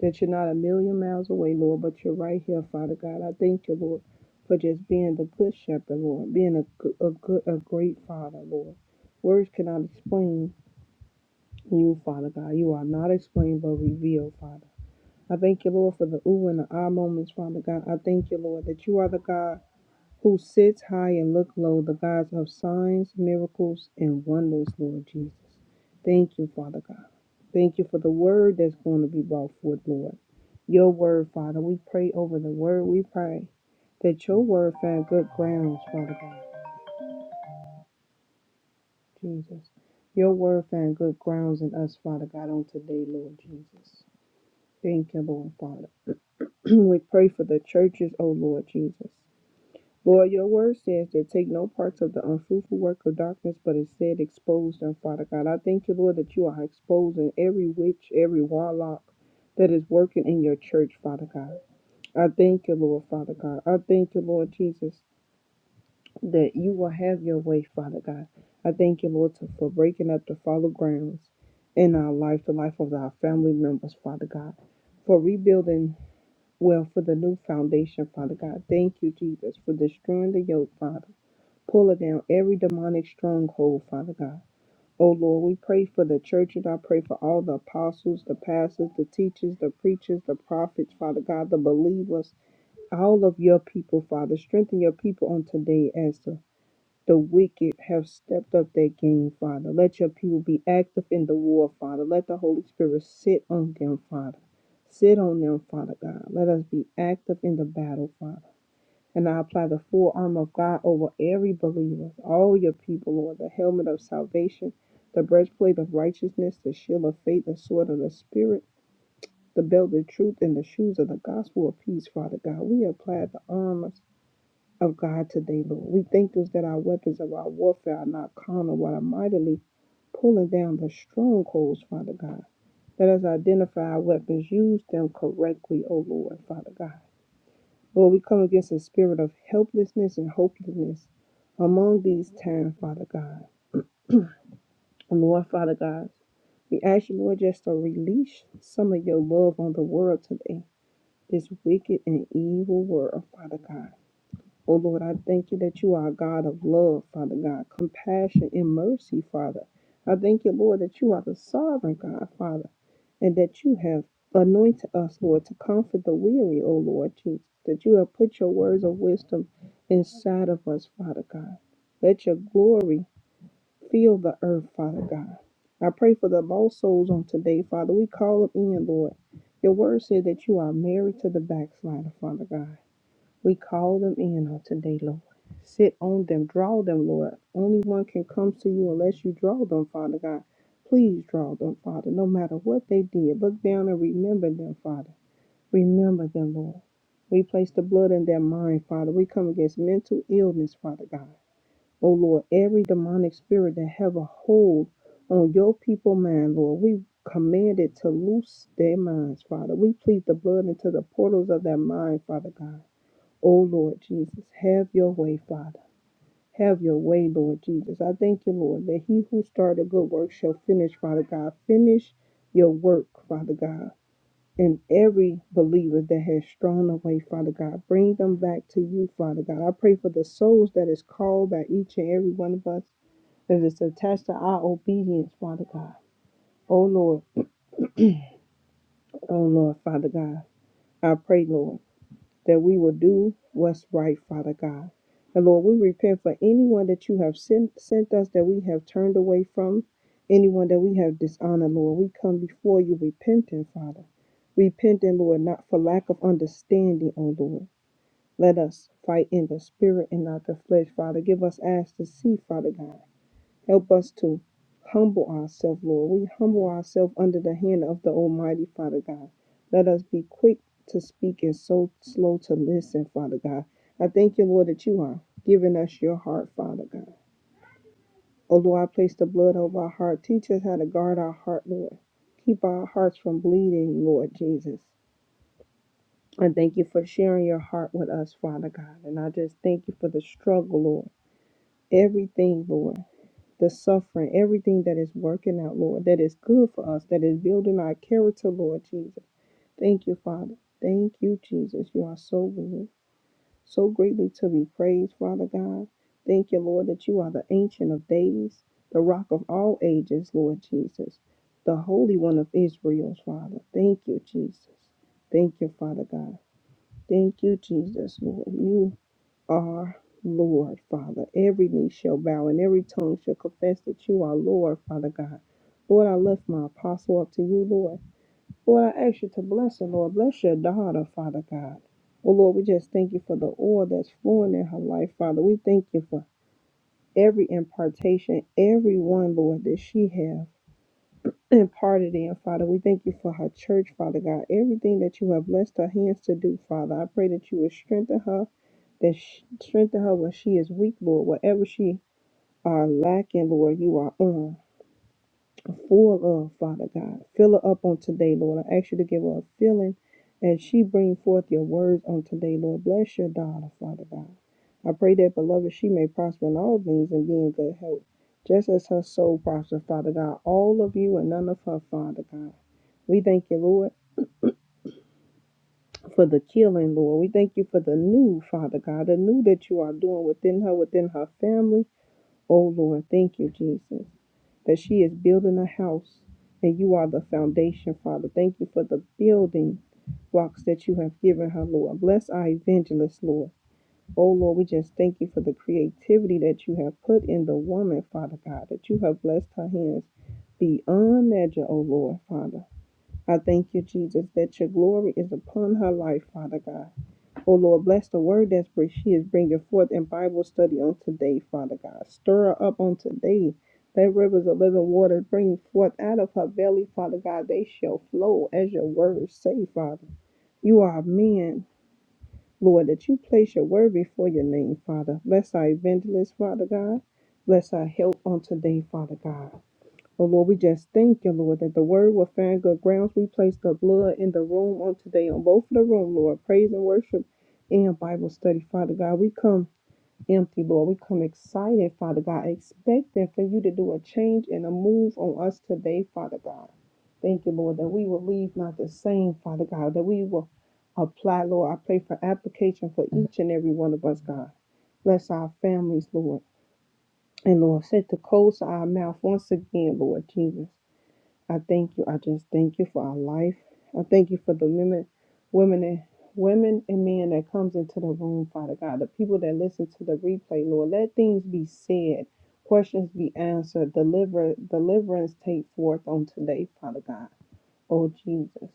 D: that you're not a million miles away, Lord, but you're right here, Father God. I thank you, Lord, for just being the good shepherd, Lord, being a, go- a good, a great Father, Lord. Words cannot explain you, Father God. You are not explained, but revealed, Father. I thank you, Lord, for the ooh and the ah moments, Father God. I thank you, Lord, that you are the God who sits high and look low, the God of signs, miracles, and wonders, Lord Jesus. Thank you, Father God. Thank you for the word that's going to be brought forth, Lord your word, Father. We pray over the word. We pray that your word found good grounds, Father God, Jesus. Your word found good grounds in us, Father God, on today, Lord Jesus. Thank you, Lord, Father. we pray for the churches, O Lord Jesus. Lord, your word says that take no parts of the unfruitful work of darkness, but instead expose them, Father God. I thank you, Lord, that you are exposing every witch, every warlock that is working in your church, Father God. I thank you, Lord, Father God. I thank you, Lord Jesus, that you will have your way, Father God. I thank you, Lord, to- for breaking up the fallow grounds in our life, the life of our family members, Father God, for rebuilding, well, for the new foundation, Father God. Thank you, Jesus, for destroying the yoke, Father. Pulling down every demonic stronghold, Father God. Oh Lord, we pray for the church and I pray for all the apostles, the pastors, the teachers, the preachers, the prophets, Father God, the believers, all of your people, Father. Strengthen your people on today as the, the wicked have stepped up their game, Father. Let your people be active in the war, Father. Let the Holy Spirit sit on them, Father. Sit on them, Father God. Let us be active in the battle, Father. And I apply the full armor of God over every believer, all your people, Lord, the helmet of salvation, the breastplate of righteousness, the shield of faith, the sword of the Spirit, the belt of truth, and the shoes of the gospel of peace, Father God. We apply the armor of God today, Lord. We thank you that our weapons of our warfare are not carnal, but are mightily pulling down the strongholds, Father God. Let us identify our weapons, use them correctly, O Lord, Father God. Lord, we come against a spirit of helplessness and hopelessness among these times, Father God. And Lord, Father God, we ask you, Lord, just to release some of your love on the world today, this wicked and evil world, Father God. Oh Lord, I thank you that you are a God of love, Father God, compassion and mercy, Father. I thank you, Lord, that you are the sovereign God, Father, and that you have anointed us, Lord, to comfort the weary, O Lord Jesus, that you have put your words of wisdom inside of us, Father God. Let your glory fill the earth, Father God. I pray for the lost souls on today, Father. We call them in, Lord. Your word said that you are married to the backslider, Father God. We call them in on today, Lord. Sit on them, draw them, Lord. Only one can come to you unless you draw them, Father God. Please draw them, Father, no matter what they did. Look down and remember them, Father. Remember them, Lord. We place the blood in their mind, Father. We come against mental illness, Father God. Oh, Lord, every demonic spirit that have a hold on your people mind, Lord, we command it to loose their minds, Father. We plead the blood into the portals of their mind, Father God. O Lord Jesus, have your way, Father. Have your way, Lord Jesus. I thank you, Lord, that he who started a good work shall finish, Father God. Finish your work, Father God. And every believer that has strayed away, Father God, bring them back to you, Father God. I pray for the souls that is called by each and every one of us that is attached to our obedience, Father God. O Lord, O Lord, Father God. I pray, Lord. that we will do what's right, Father God. And Lord, we repent for anyone that you have sent, sent us that we have turned away from, anyone that we have dishonored, Lord. We come before you repenting, Father. Repenting, Lord, not for lack of understanding, O Lord. Let us fight in the spirit and not the flesh, Father. Give us eyes to see, Father God. Help us to humble ourselves, Lord. We humble ourselves under the hand of the Almighty, Father God. Let us be quick to speak and so slow to listen, Father God. I thank you, Lord, that you are giving us your heart, Father God. Oh, Lord, I place the blood over our heart. Teach us how to guard our heart, Lord. Keep our hearts from bleeding, Lord Jesus. I thank you for sharing your heart with us, Father God. And I just thank you for the struggle, Lord. Everything, Lord the suffering, everything that is working out, Lord, that is good for us, that is building our character, Lord Jesus. Thank you, Father. Thank you, Jesus. You are so good, so greatly to be praised, Father God. Thank you, Lord, that you are the ancient of days, the rock of all ages, Lord Jesus, the Holy One of Israel's Father. Thank you, Jesus. Thank you, Father God. Thank you, Jesus, Lord. You are Lord, Father. Every knee shall bow and every tongue shall confess that you are Lord, Father God. Lord, I lift my apostle up to you, Lord. Lord, I ask you to bless her, Lord. Bless your daughter, Father God. Oh, Lord, we just thank you for the oil that's flowing in her life, Father. We thank you for every impartation, every one, Lord, that she have imparted in, Father. We thank you for her church, Father God. Everything that you have blessed her hands to do, Father. I pray that you would strengthen her that sh- strengthen her when she is weak, Lord. Whatever she are lacking, Lord, you are on full of, Father God. Fill her up on today, Lord. I ask you to give her a feeling as she bring forth your words on today, Lord. Bless your daughter, Father God. I pray that, beloved, she may prosper in all things and be in good health, just as her soul prospers, Father God. All of you and none of her, Father God. We thank you, Lord, for the killing, Lord. We thank you for the new, Father God, the new that you are doing within her, within her family Oh Lord, thank you, Jesus, that she is building a house and you are the foundation, Father. Thank you for the building blocks that you have given her, Lord. Bless our evangelist, Lord. Oh Lord, we just thank you for the creativity that you have put in the woman, Father God, that you have blessed her hands beyond measure, oh Lord, Father. I thank you, Jesus, that your glory is upon her life, Father God. Oh Lord, bless the word that's br- she is bringing forth in Bible study on today, Father God. Stir her up on today. Let rivers of living water bring forth out of her belly, Father God. They shall flow as your words say, Father. You are a man, Lord, that you place your word before your name, Father. Bless our evangelist, Father God. Bless our help on today, Father God. Oh Lord, we just thank you, Lord, that the word will find good grounds. We place the blood in the room on today, on both of the room, Lord. Praise and worship and Bible study, Father God. We come empty, Lord. We come excited, Father God, expecting for you to do a change and a move on us today, Father God. Thank you, Lord, that we will leave not the same, Father God, that we will apply, Lord. I pray for application for each and every one of us, God. Bless our families, Lord. And Lord, set the coals to our mouth once again, Lord Jesus. I thank you. I just thank you for our life. I thank you for the women, women and women and men that comes into the room, Father God. The people that listen to the replay, Lord, let things be said, questions be answered, deliver deliverance take forth on today, Father God. Oh Jesus.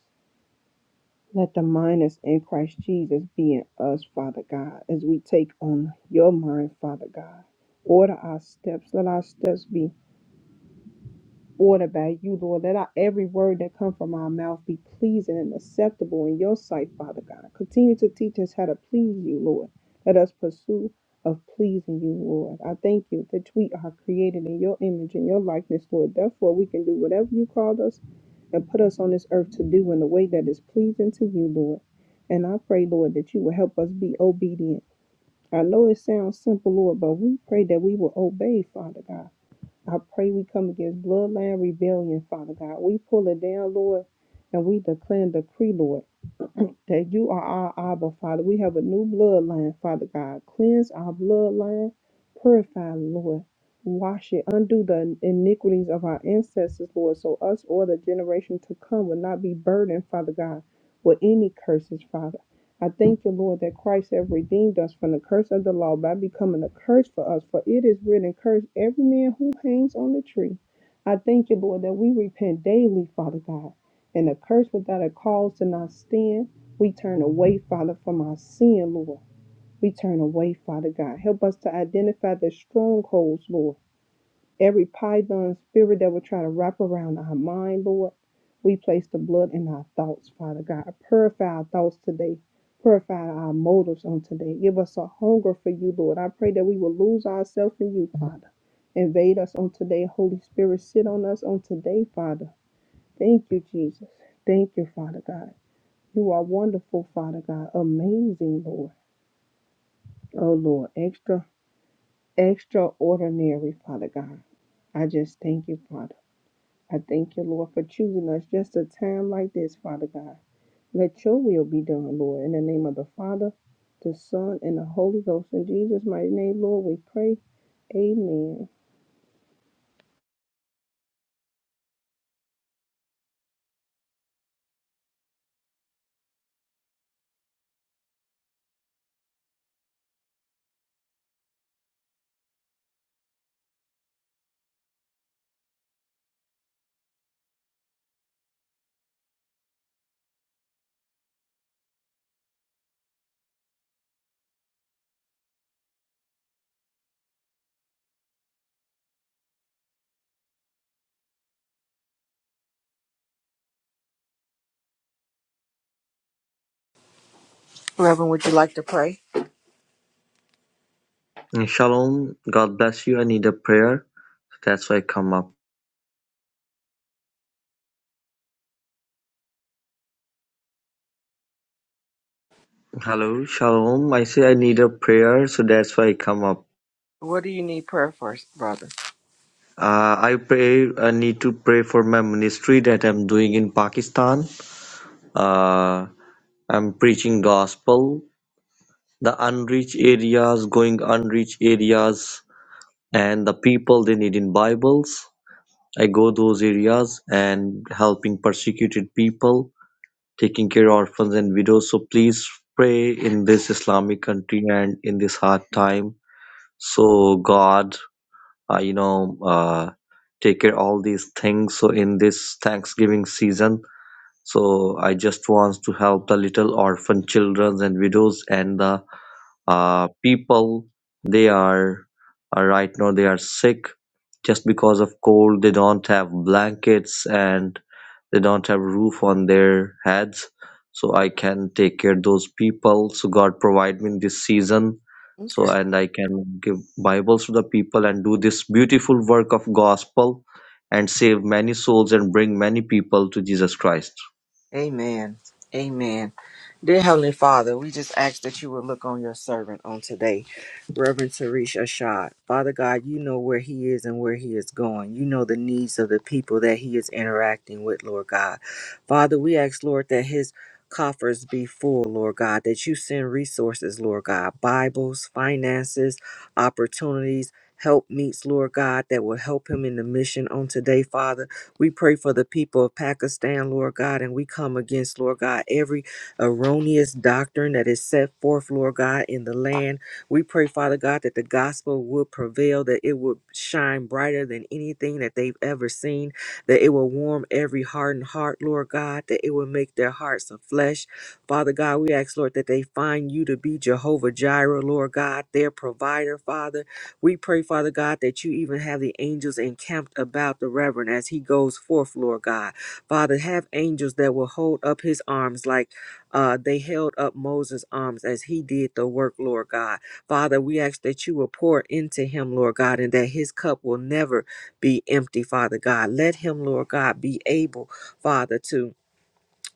D: Let the mind that's in Christ Jesus be in us, Father God, as we take on your mind, Father God. Order our steps. Let our steps be order by you, Lord. Let our, every word that come from our mouth be pleasing and acceptable in your sight, Father God. Continue to teach us how to please you, Lord. Let us pursue of pleasing you, Lord. I thank you that we are created in your image and your likeness, Lord. Therefore, we can do whatever you called us and put us on this earth to do in a way that is pleasing to you, Lord. And I pray, Lord, that you will help us be obedient. I know it sounds simple, Lord, but we pray that we will obey, Father God. I pray we come against bloodline rebellion, Father God. We pull it down, Lord, and we declare and decree, Lord that you are our Abba, Father. We have a new bloodline, Father God. Cleanse our bloodline, purify, Lord. Wash it, undo the iniquities of our ancestors, Lord, so us or the generation to come will not be burdened, Father God, with any curses, Father. I thank you, Lord, that Christ has redeemed us from the curse of the law by becoming a curse for us, for it is written, Curse every man who hangs on the tree. I thank you, Lord, that we repent daily, Father God and a curse without a cause to not stand. We turn away, Father, from our sin, Lord. We turn away, Father God. Help us to identify the strongholds, Lord. Every python spirit that will try to wrap around our mind, Lord. We place the blood in our thoughts, Father God. Purify our thoughts today. Purify our motives on today. Give us a hunger for you, Lord. I pray that we will lose ourselves in you, Father. Invade us on today. Holy Spirit, sit on us on today, Father. Thank you, Jesus. Thank you, Father God. You are wonderful, Father God. Amazing, Lord. Oh, Lord. Extra, extraordinary, Father God. I just thank you, Father. I thank you, Lord, for choosing us just a time like this, Father God. Let your will be done, Lord. In the name of the Father, the Son, and the Holy Ghost. In Jesus' mighty name, Lord, we pray. Amen.
B: Reverend, would you like to pray?
E: Shalom. God bless you. I need a prayer. So That's why I come up. Hello. Shalom. I say I need a prayer. So that's why I come up.
B: What do you need prayer for, brother?
E: Uh, I pray. I need to pray for my ministry that I'm doing in Pakistan. Uh, I'm preaching gospel. The unreached areas, going unreached areas, and the people they need in Bibles. I go those areas and helping persecuted people taking care of orphans and widows. So please pray in this Islamic country and in this hard time. So God, uh, you know, uh, take care all these things. So in this Thanksgiving season, so I just want to help the little orphan children and widows and the uh, people. They are uh, right now they are sick just because of cold. They don't have blankets and they don't have roof on their heads so i can take care those people so god provide me in this season
B: Okay.
E: so and i can give bibles to the people and do this beautiful work of gospel and save many souls and bring many people to jesus christ
B: Amen. Amen. Dear Heavenly Father, we just ask that you would look on your servant on today, Reverend Tarish Ashad. Father God, you know where he is and where he is going. You know the needs of the people that he is interacting with, Lord God. Father, we ask, Lord, that his coffers be full, Lord God, that you send resources, Lord God, Bibles, finances, opportunities, help meets, Lord God, that will help him in the mission on today, Father. We pray for the people of Pakistan, Lord God, and we come against, Lord God, every erroneous doctrine that is set forth, Lord God, in the land. We pray, Father God, that the gospel would prevail, that it would shine brighter than anything that they've ever seen, that it will warm every hardened heart, Lord God, that it will make their hearts of flesh. Father God, we ask, Lord, that they find you to be Jehovah Jireh, Lord God, their provider, Father. We pray, Father God, that you even have the angels encamped about the Reverend as he goes forth, Lord God. Father, have angels that will hold up his arms like uh, they held up Moses' arms as he did the work, Lord God. Father, we ask that you will pour into him, Lord God, and that his cup will never be empty, Father God. Let him, Lord God, be able, Father, to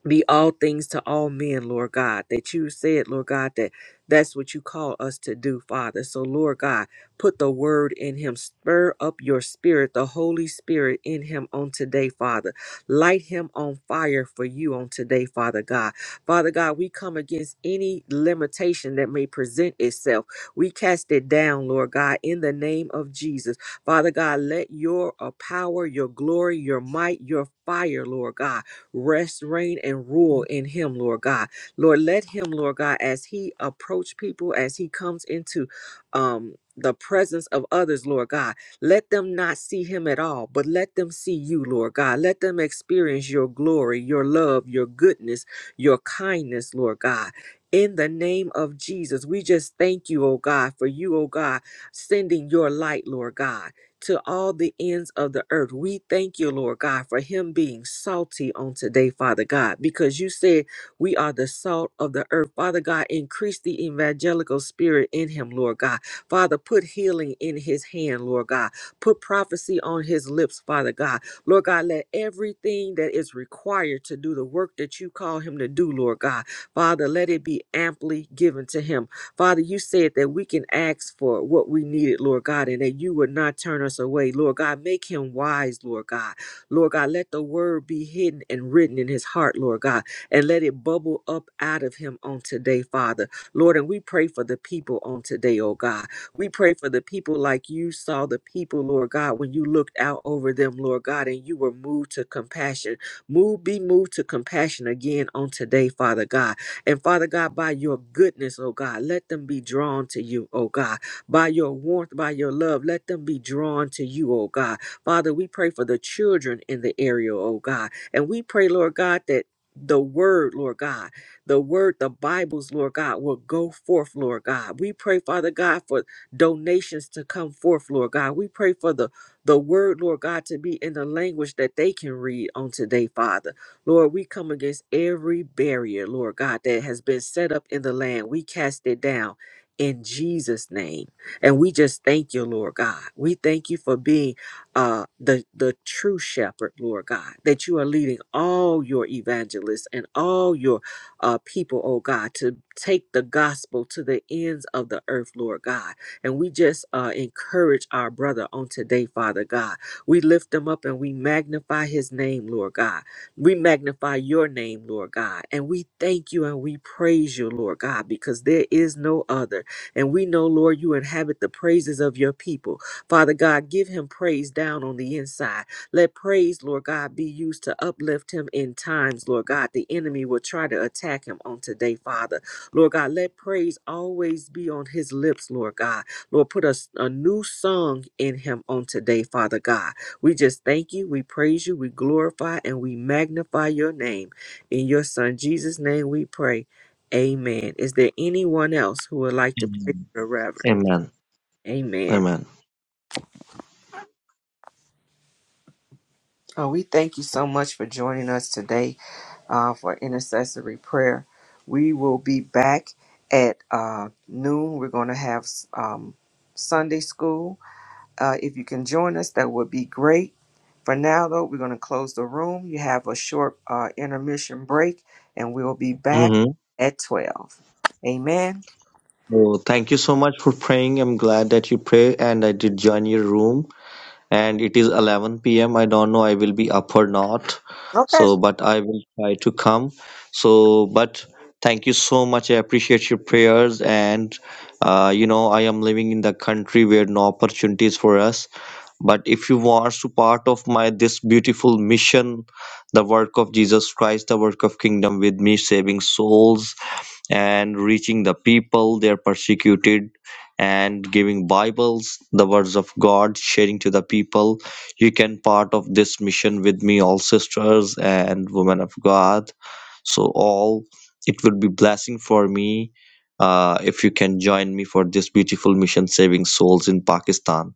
B: be all things to all men, Lord God, that you said, Lord God, that that's what you call us to do, Father. So, Lord God, put the word in him. Spur up your spirit, the Holy Spirit in him on today, Father. Light him on fire for you on today, Father God. Father God, we come against any limitation that may present itself. We cast it down, Lord God, in the name of Jesus. Father God, let your uh, power, your glory, your might, your fire, Lord God rest, reign, and rule in him, Lord God. Lord, let him, Lord God, as he approach people, as he comes into um the presence of others, Lord God. Let them not see him at all, but let them see you, Lord God. Let them experience your glory, your love, your goodness, your kindness, Lord God. In the name of Jesus, we just thank you, oh God, for you, oh God, sending your light, Lord God to all the ends of the earth. We thank you, Lord God, for him being salty on today, Father God, because you said we are the salt of the earth. Father God, increase the evangelical spirit in him, Lord God. Father, put healing in his hand, Lord God. Put prophecy on his lips, Father God. Lord God, let everything that is required to do the work that you call him to do, Lord God. Father, let it be amply given to him. Father, you said that we can ask for what we needed, Lord God, and that you would not turn us away. Lord God, make him wise, Lord God. Lord God, let the word be hidden and written in his heart, Lord God, and let it bubble up out of him on today, Father. Lord, and we pray for the people on today, oh God. We pray for the people like you saw the people, Lord God, when you looked out over them, Lord God, and you were moved to compassion. Move, be moved to compassion again on today, Father God. And Father God, by your goodness, oh God, let them be drawn to you, oh God. By your warmth, by your love, let them be drawn to you, oh God. Father, we pray for the children in the area, oh God. And we pray, Lord God, that the word, Lord God, the word, the Bibles, Lord God, will go forth, Lord God. We pray, Father God, for donations to come forth, Lord God. We pray for the the word, Lord God, to be in the language that they can read on today, Father. Lord, we come against every barrier, Lord God, that has been set up in the land. We cast it down in Jesus' name. And we just thank you, Lord God. We thank you for being uh, the, the true shepherd, Lord God, that you are leading all your evangelists and all your uh, people, oh God, to take the gospel to the ends of the earth, Lord God. And we just uh, encourage our brother on today, Father God. We lift him up and we magnify his name, Lord God. We magnify your name, Lord God, and we thank you and we praise you, Lord God, because there is no other. And we know, Lord, you inhabit the praises of your people. Father God, give him praise down on the inside. Let praise, Lord God, be used to uplift him in times, Lord God. The enemy will try to attack him on today, Father. Lord God, let praise always be on his lips, Lord God. Lord, put us a, a new song in him on today, Father God. We just thank you, we praise you, we glorify, and we magnify your name. In your Son Jesus' name we pray. Amen. Is there anyone else who would like to pray for the Reverend?
E: amen
B: Amen.
E: amen
B: Oh, we thank you so much for joining us today uh, for intercessory prayer. We will be back at uh, noon. We're going to have um, Sunday school Uh, if you can join us, that would be great. For now, though, we're going to close the room. You have a short uh, intermission break, and we will be back
E: amen
B: at 12. Amen.
E: Oh, thank you so much for praying. I'm glad that you pray, and I did join your room. And it is 11 p.m. I don't know I will be up or not,
B: Okay.
E: so but I will try to come. So, but thank you so much. I appreciate your prayers, and uh, you know I am living in the country where no opportunities for us. But if you are to part of my this beautiful mission, the work of Jesus Christ, the work of kingdom with me, saving souls and reaching the people they are persecuted and giving bibles the words of god sharing to the people you can part of this mission with me all sisters and women of god so all it would be blessing for me uh, if you can join me for this beautiful mission saving souls in pakistan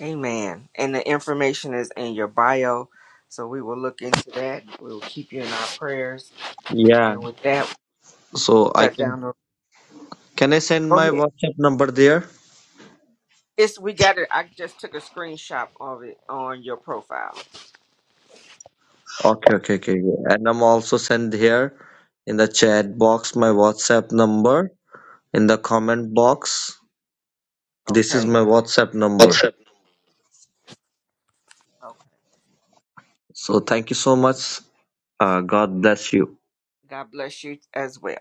B: Amen. And the information is in your bio. So we will look into that. We will keep you in our prayers.
E: yeah
B: And with that,
E: So
B: we'll
E: I
B: shut
E: can
B: down the.
E: can I send
B: Go
E: my
B: ahead.
E: WhatsApp number there?
B: It's we got it. I just took a screenshot of it on your profile.
E: Okay, okay, okay. yeah. And I'm also send here in the chat box my WhatsApp number in the comment box. This is
B: Okay.
E: my WhatsApp number.
B: Okay.
E: So thank you so much. Uh, God bless you.
B: God bless you as well.